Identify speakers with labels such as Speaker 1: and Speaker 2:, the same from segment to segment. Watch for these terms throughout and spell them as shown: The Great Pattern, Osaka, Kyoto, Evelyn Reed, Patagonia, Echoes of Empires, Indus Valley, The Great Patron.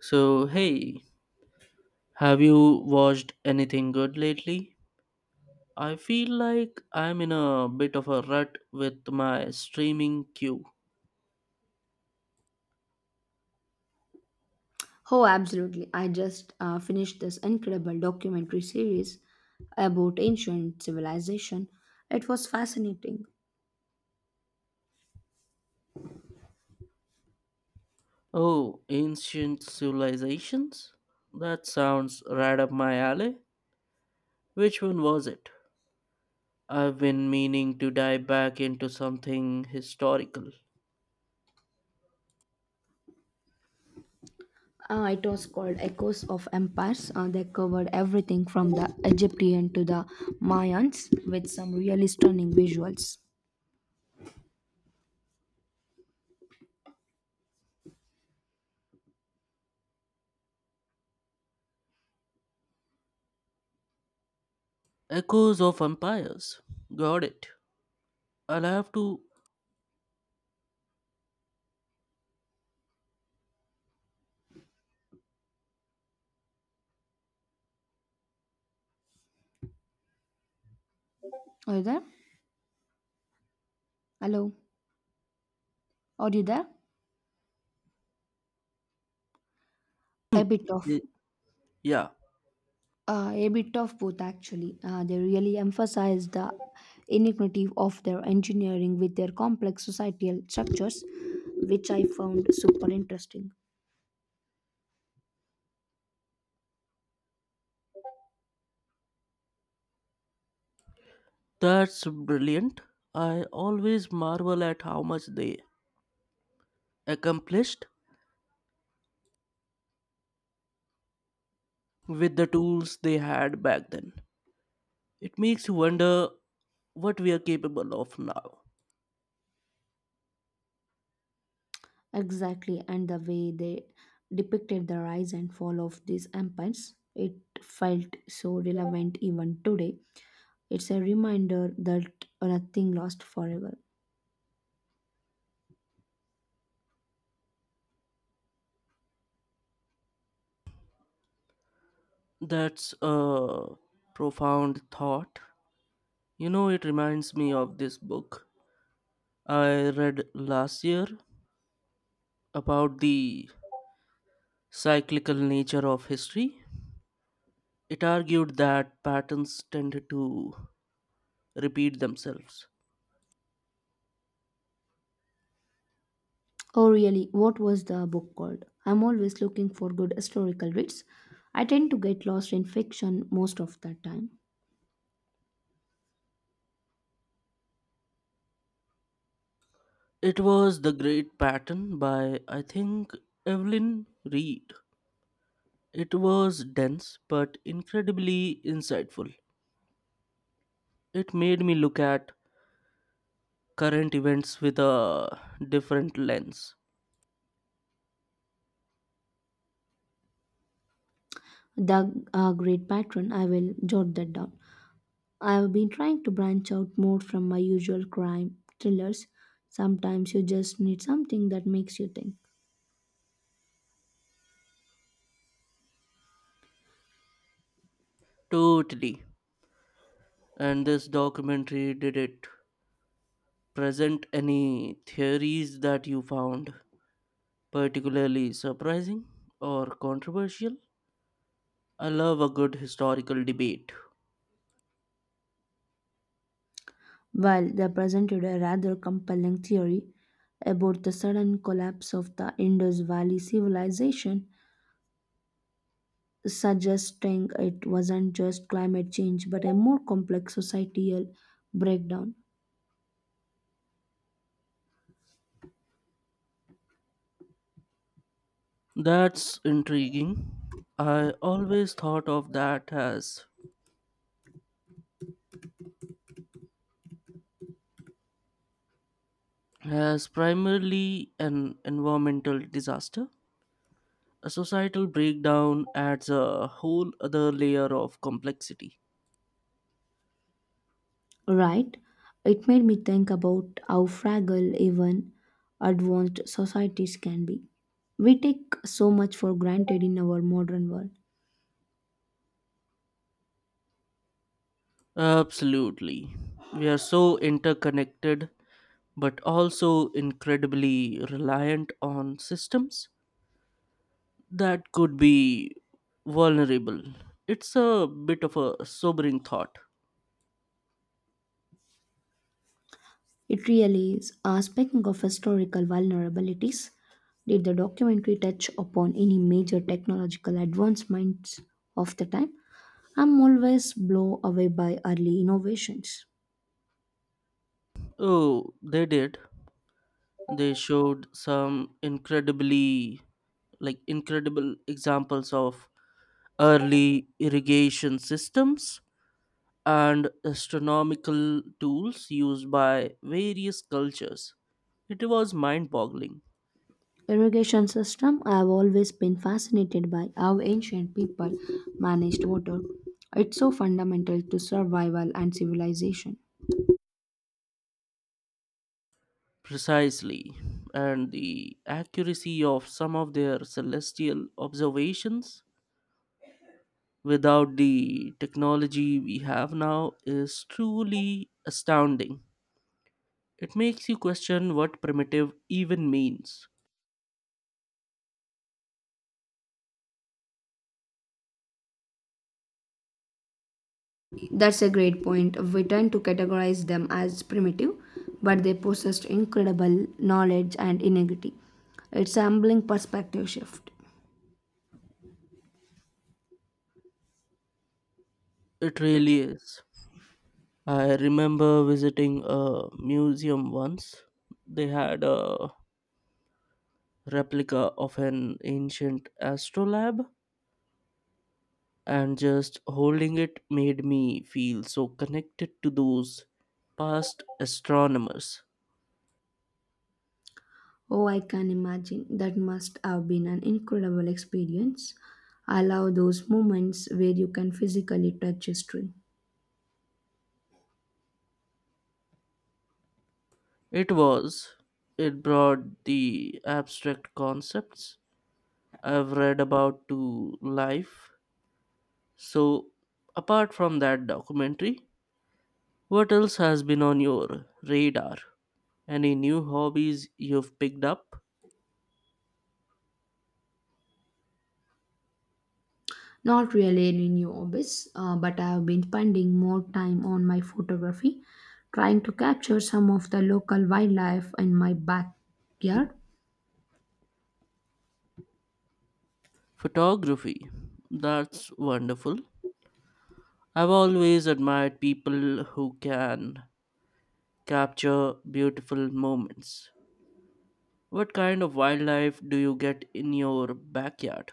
Speaker 1: So, hey, have you watched anything good lately? I feel like I'm in a bit of a rut with my streaming queue.
Speaker 2: Oh, absolutely. I just finished this incredible documentary series about ancient civilization. It was fascinating.
Speaker 1: Oh, Ancient Civilizations? That sounds right up my alley. Which one was it? I've been meaning to dive back into something historical.
Speaker 2: It was called Echoes of Empires. They covered everything from the Egyptian to the Mayans with some really stunning visuals.
Speaker 1: Echoes of Empires. Got it. I'll have to.
Speaker 2: Are you there? Hello? Are you there? A bit off.
Speaker 1: y- Yeah,
Speaker 2: A bit of both, actually. They really emphasize the iniquity of their engineering with their complex societal structures, which I found super interesting.
Speaker 1: that's brilliant. I always marvel at how much they accomplished with the tools they had back then. It makes you wonder what we are capable of now.
Speaker 2: Exactly, and the way they depicted the rise and fall of these empires, it felt so relevant even today. It's a reminder that nothing lasts forever.
Speaker 1: That's a profound thought. You know, it reminds me of this book I read last year about the cyclical nature of history. It argued that patterns tend to repeat themselves.
Speaker 2: Oh, really? What was the book called? I'm always looking for good historical reads. I tend to get lost in fiction most of the time.
Speaker 1: It was The Great Pattern by, I think, Evelyn Reed. It was dense but incredibly insightful. It made me look at current events with a different lens.
Speaker 2: The Great Patron, I will jot that down. I've been trying to branch out more from my usual crime thrillers. Sometimes you just need something that makes you think.
Speaker 1: Totally. And this documentary, did it present any theories that you found particularly surprising or controversial? I love a good historical debate.
Speaker 2: While they presented a rather compelling theory about the sudden collapse of the Indus Valley civilization, suggesting it wasn't just climate change but a more complex societal breakdown.
Speaker 1: That's intriguing. I always thought of that as primarily an environmental disaster. A societal breakdown adds a whole other layer of complexity.
Speaker 2: Right? It made me think about how fragile even advanced societies can be. We take so much for granted in our modern world.
Speaker 1: Absolutely. We are so interconnected, but also incredibly reliant on systems that could be vulnerable. It's a bit of a sobering thought.
Speaker 2: It really is. Speaking of historical vulnerabilities, did the documentary touch upon any major technological advancements of the time? I'm always blown away by early innovations.
Speaker 1: Oh, they did. They showed some incredible examples of early irrigation systems and astronomical tools used by various cultures. It was mind boggling,
Speaker 2: Irrigation system. I have always been fascinated by how ancient people managed water. It's so fundamental to survival and civilization.
Speaker 1: precisely, and the accuracy of some of their celestial observations without the technology we have now is truly astounding. It makes you question what primitive even means.
Speaker 2: That's a great point. We tend to categorize them as primitive, but they possessed incredible knowledge and ingenuity. It's a humbling perspective shift.
Speaker 1: It really is. I remember visiting a museum once. They had a replica of an ancient astrolabe, and just holding it made me feel so connected to those past astronomers.
Speaker 2: Oh, I can imagine that must have been an incredible experience. I love those moments where you can physically touch history.
Speaker 1: It was. It brought the abstract concepts I've read about to life. So, apart from that documentary, what else has been on your radar? Any new hobbies you've picked up?
Speaker 2: Not really any new hobbies, but I have been spending more time on my photography, trying to capture some of the local wildlife in my backyard.
Speaker 1: Photography. That's wonderful. I've always admired people who can capture beautiful moments. What kind of wildlife do you get in your backyard?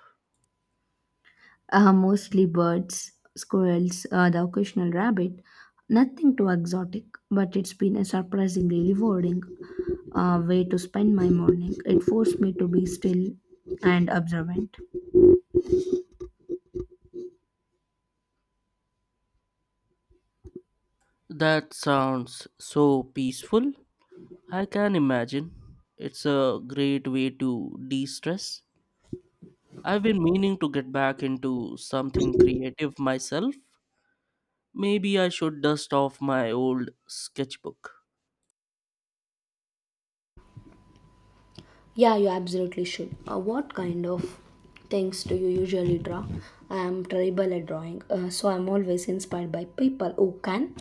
Speaker 2: Mostly birds, squirrels, the occasional rabbit. Nothing too exotic, but it's been a surprisingly rewarding way to spend my morning. It forced me to be still and observant.
Speaker 1: That sounds so peaceful. I can imagine. It's a great way to de stress. I've been meaning to get back into something creative myself. Maybe I should dust off my old sketchbook.
Speaker 2: Yeah, you absolutely should. What kind of things do you usually draw? I am terrible at drawing, so I'm always inspired by people who can.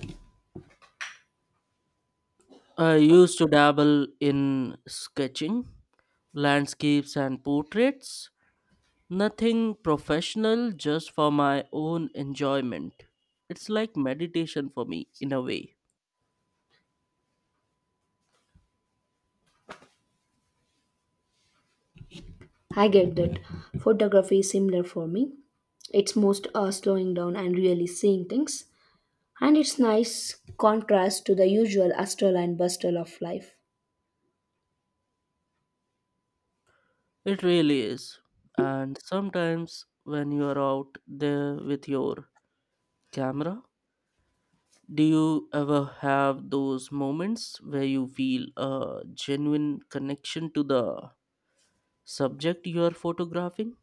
Speaker 1: I used to dabble in sketching, landscapes, and portraits. Nothing professional, just for my own enjoyment. It's like meditation for me, in a way.
Speaker 2: I get that. Photography is similar for me. It's most slowing down and really seeing things, and it's nice contrast to the usual hustle and bustle of life.
Speaker 1: It really is. And sometimes when you are out there with your camera, do you ever have those moments where you feel a genuine connection to the subject you are photographing?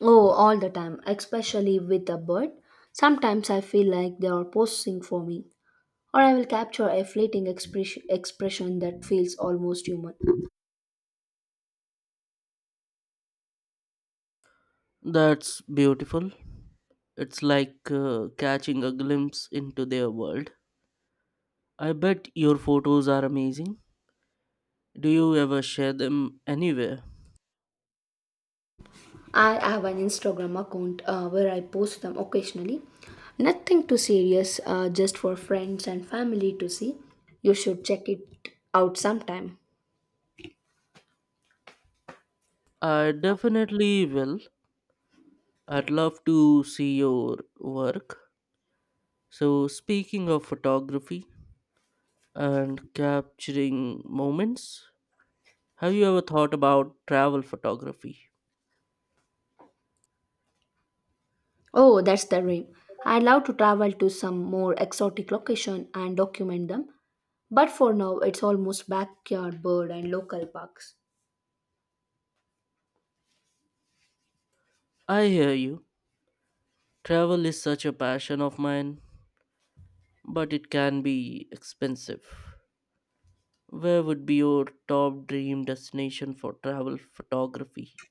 Speaker 2: Oh, all the time, especially with a bird. Sometimes I feel like they are posing for me, or I will capture a fleeting expression that feels almost human.
Speaker 1: That's beautiful. It's like catching a glimpse into their world. I bet your photos are amazing. Do you ever share them anywhere?
Speaker 2: I have an Instagram account where I post them occasionally. Nothing too serious, just for friends and family to see. You should check it out sometime.
Speaker 1: I definitely will. I'd love to see your work. So, speaking of photography and capturing moments, have you ever thought about travel photography?
Speaker 2: Oh, that's the dream. I'd love to travel to some more exotic location and document them. But for now, it's almost backyard bird and local parks.
Speaker 1: I hear you. Travel is such a passion of mine, but it can be expensive. Where would be your top dream destination for travel photography?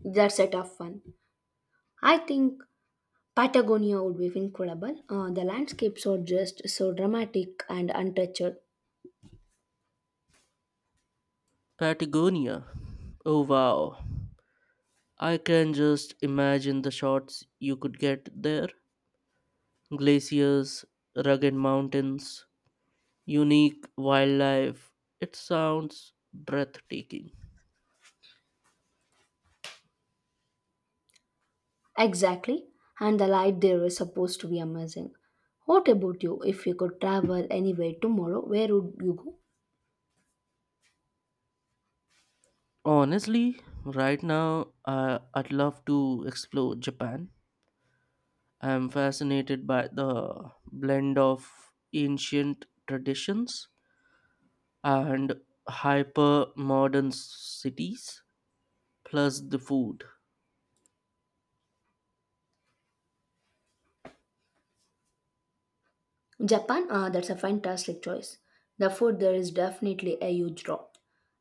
Speaker 2: That's a tough one. I think Patagonia would be incredible. The landscapes are just so dramatic and untouched.
Speaker 1: Patagonia. Oh wow. I can just imagine the shots you could get there: glaciers, rugged mountains, unique wildlife. It sounds breathtaking.
Speaker 2: Exactly, and the light there is supposed to be amazing. What about you? If you could travel anywhere tomorrow, where would you go?
Speaker 1: Honestly, right now I'd love to explore Japan. I'm fascinated by the blend of ancient traditions and hyper modern cities, plus the food.
Speaker 2: Japan? Ah, that's a fantastic choice. The food there is definitely a huge draw.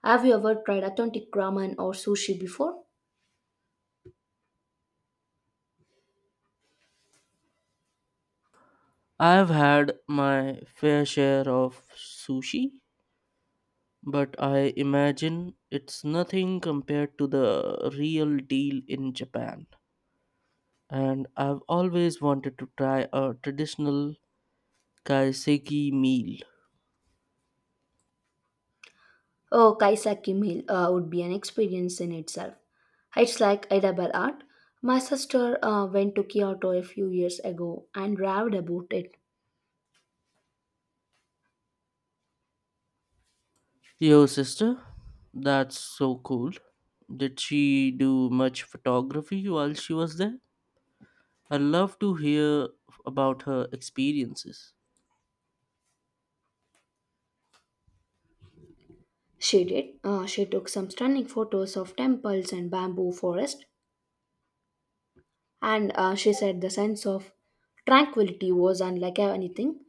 Speaker 2: Have you ever tried authentic ramen or sushi before?
Speaker 1: I've had my fair share of sushi, but I imagine it's nothing compared to the real deal in Japan. And I've always wanted to try a traditional kaiseki meal.
Speaker 2: Oh, kaiseki meal would be an experience in itself. It's like edible art. My sister went to Kyoto a few years ago and raved about it.
Speaker 1: Yo, sister, that's so cool. Did she do much photography while she was there? I'd love to hear about her experiences.
Speaker 2: She did. She took some stunning photos of temples and bamboo forest, and she said the sense of tranquility was unlike anything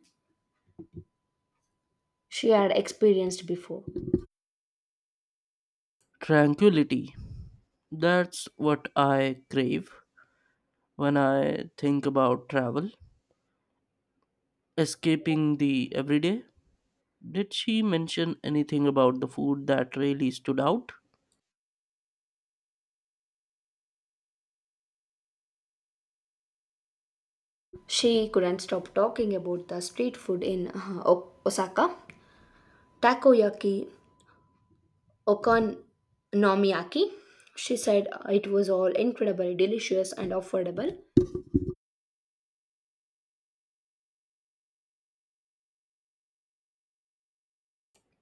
Speaker 2: she had experienced before.
Speaker 1: Tranquility. That's what I crave when I think about travel. Escaping the everyday. Did she mention anything about the food that really stood out?
Speaker 2: She couldn't stop talking about the street food in Osaka, takoyaki, okonomiyaki. She said it was all incredibly delicious and affordable.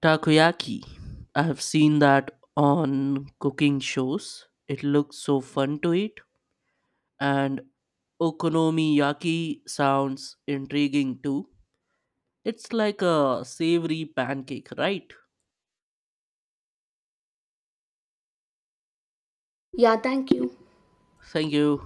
Speaker 1: Takoyaki. I have seen that on cooking shows. It looks so fun to eat. And okonomiyaki sounds intriguing too. It's like a savory pancake, right?
Speaker 2: Yeah, thank you.
Speaker 1: Thank you.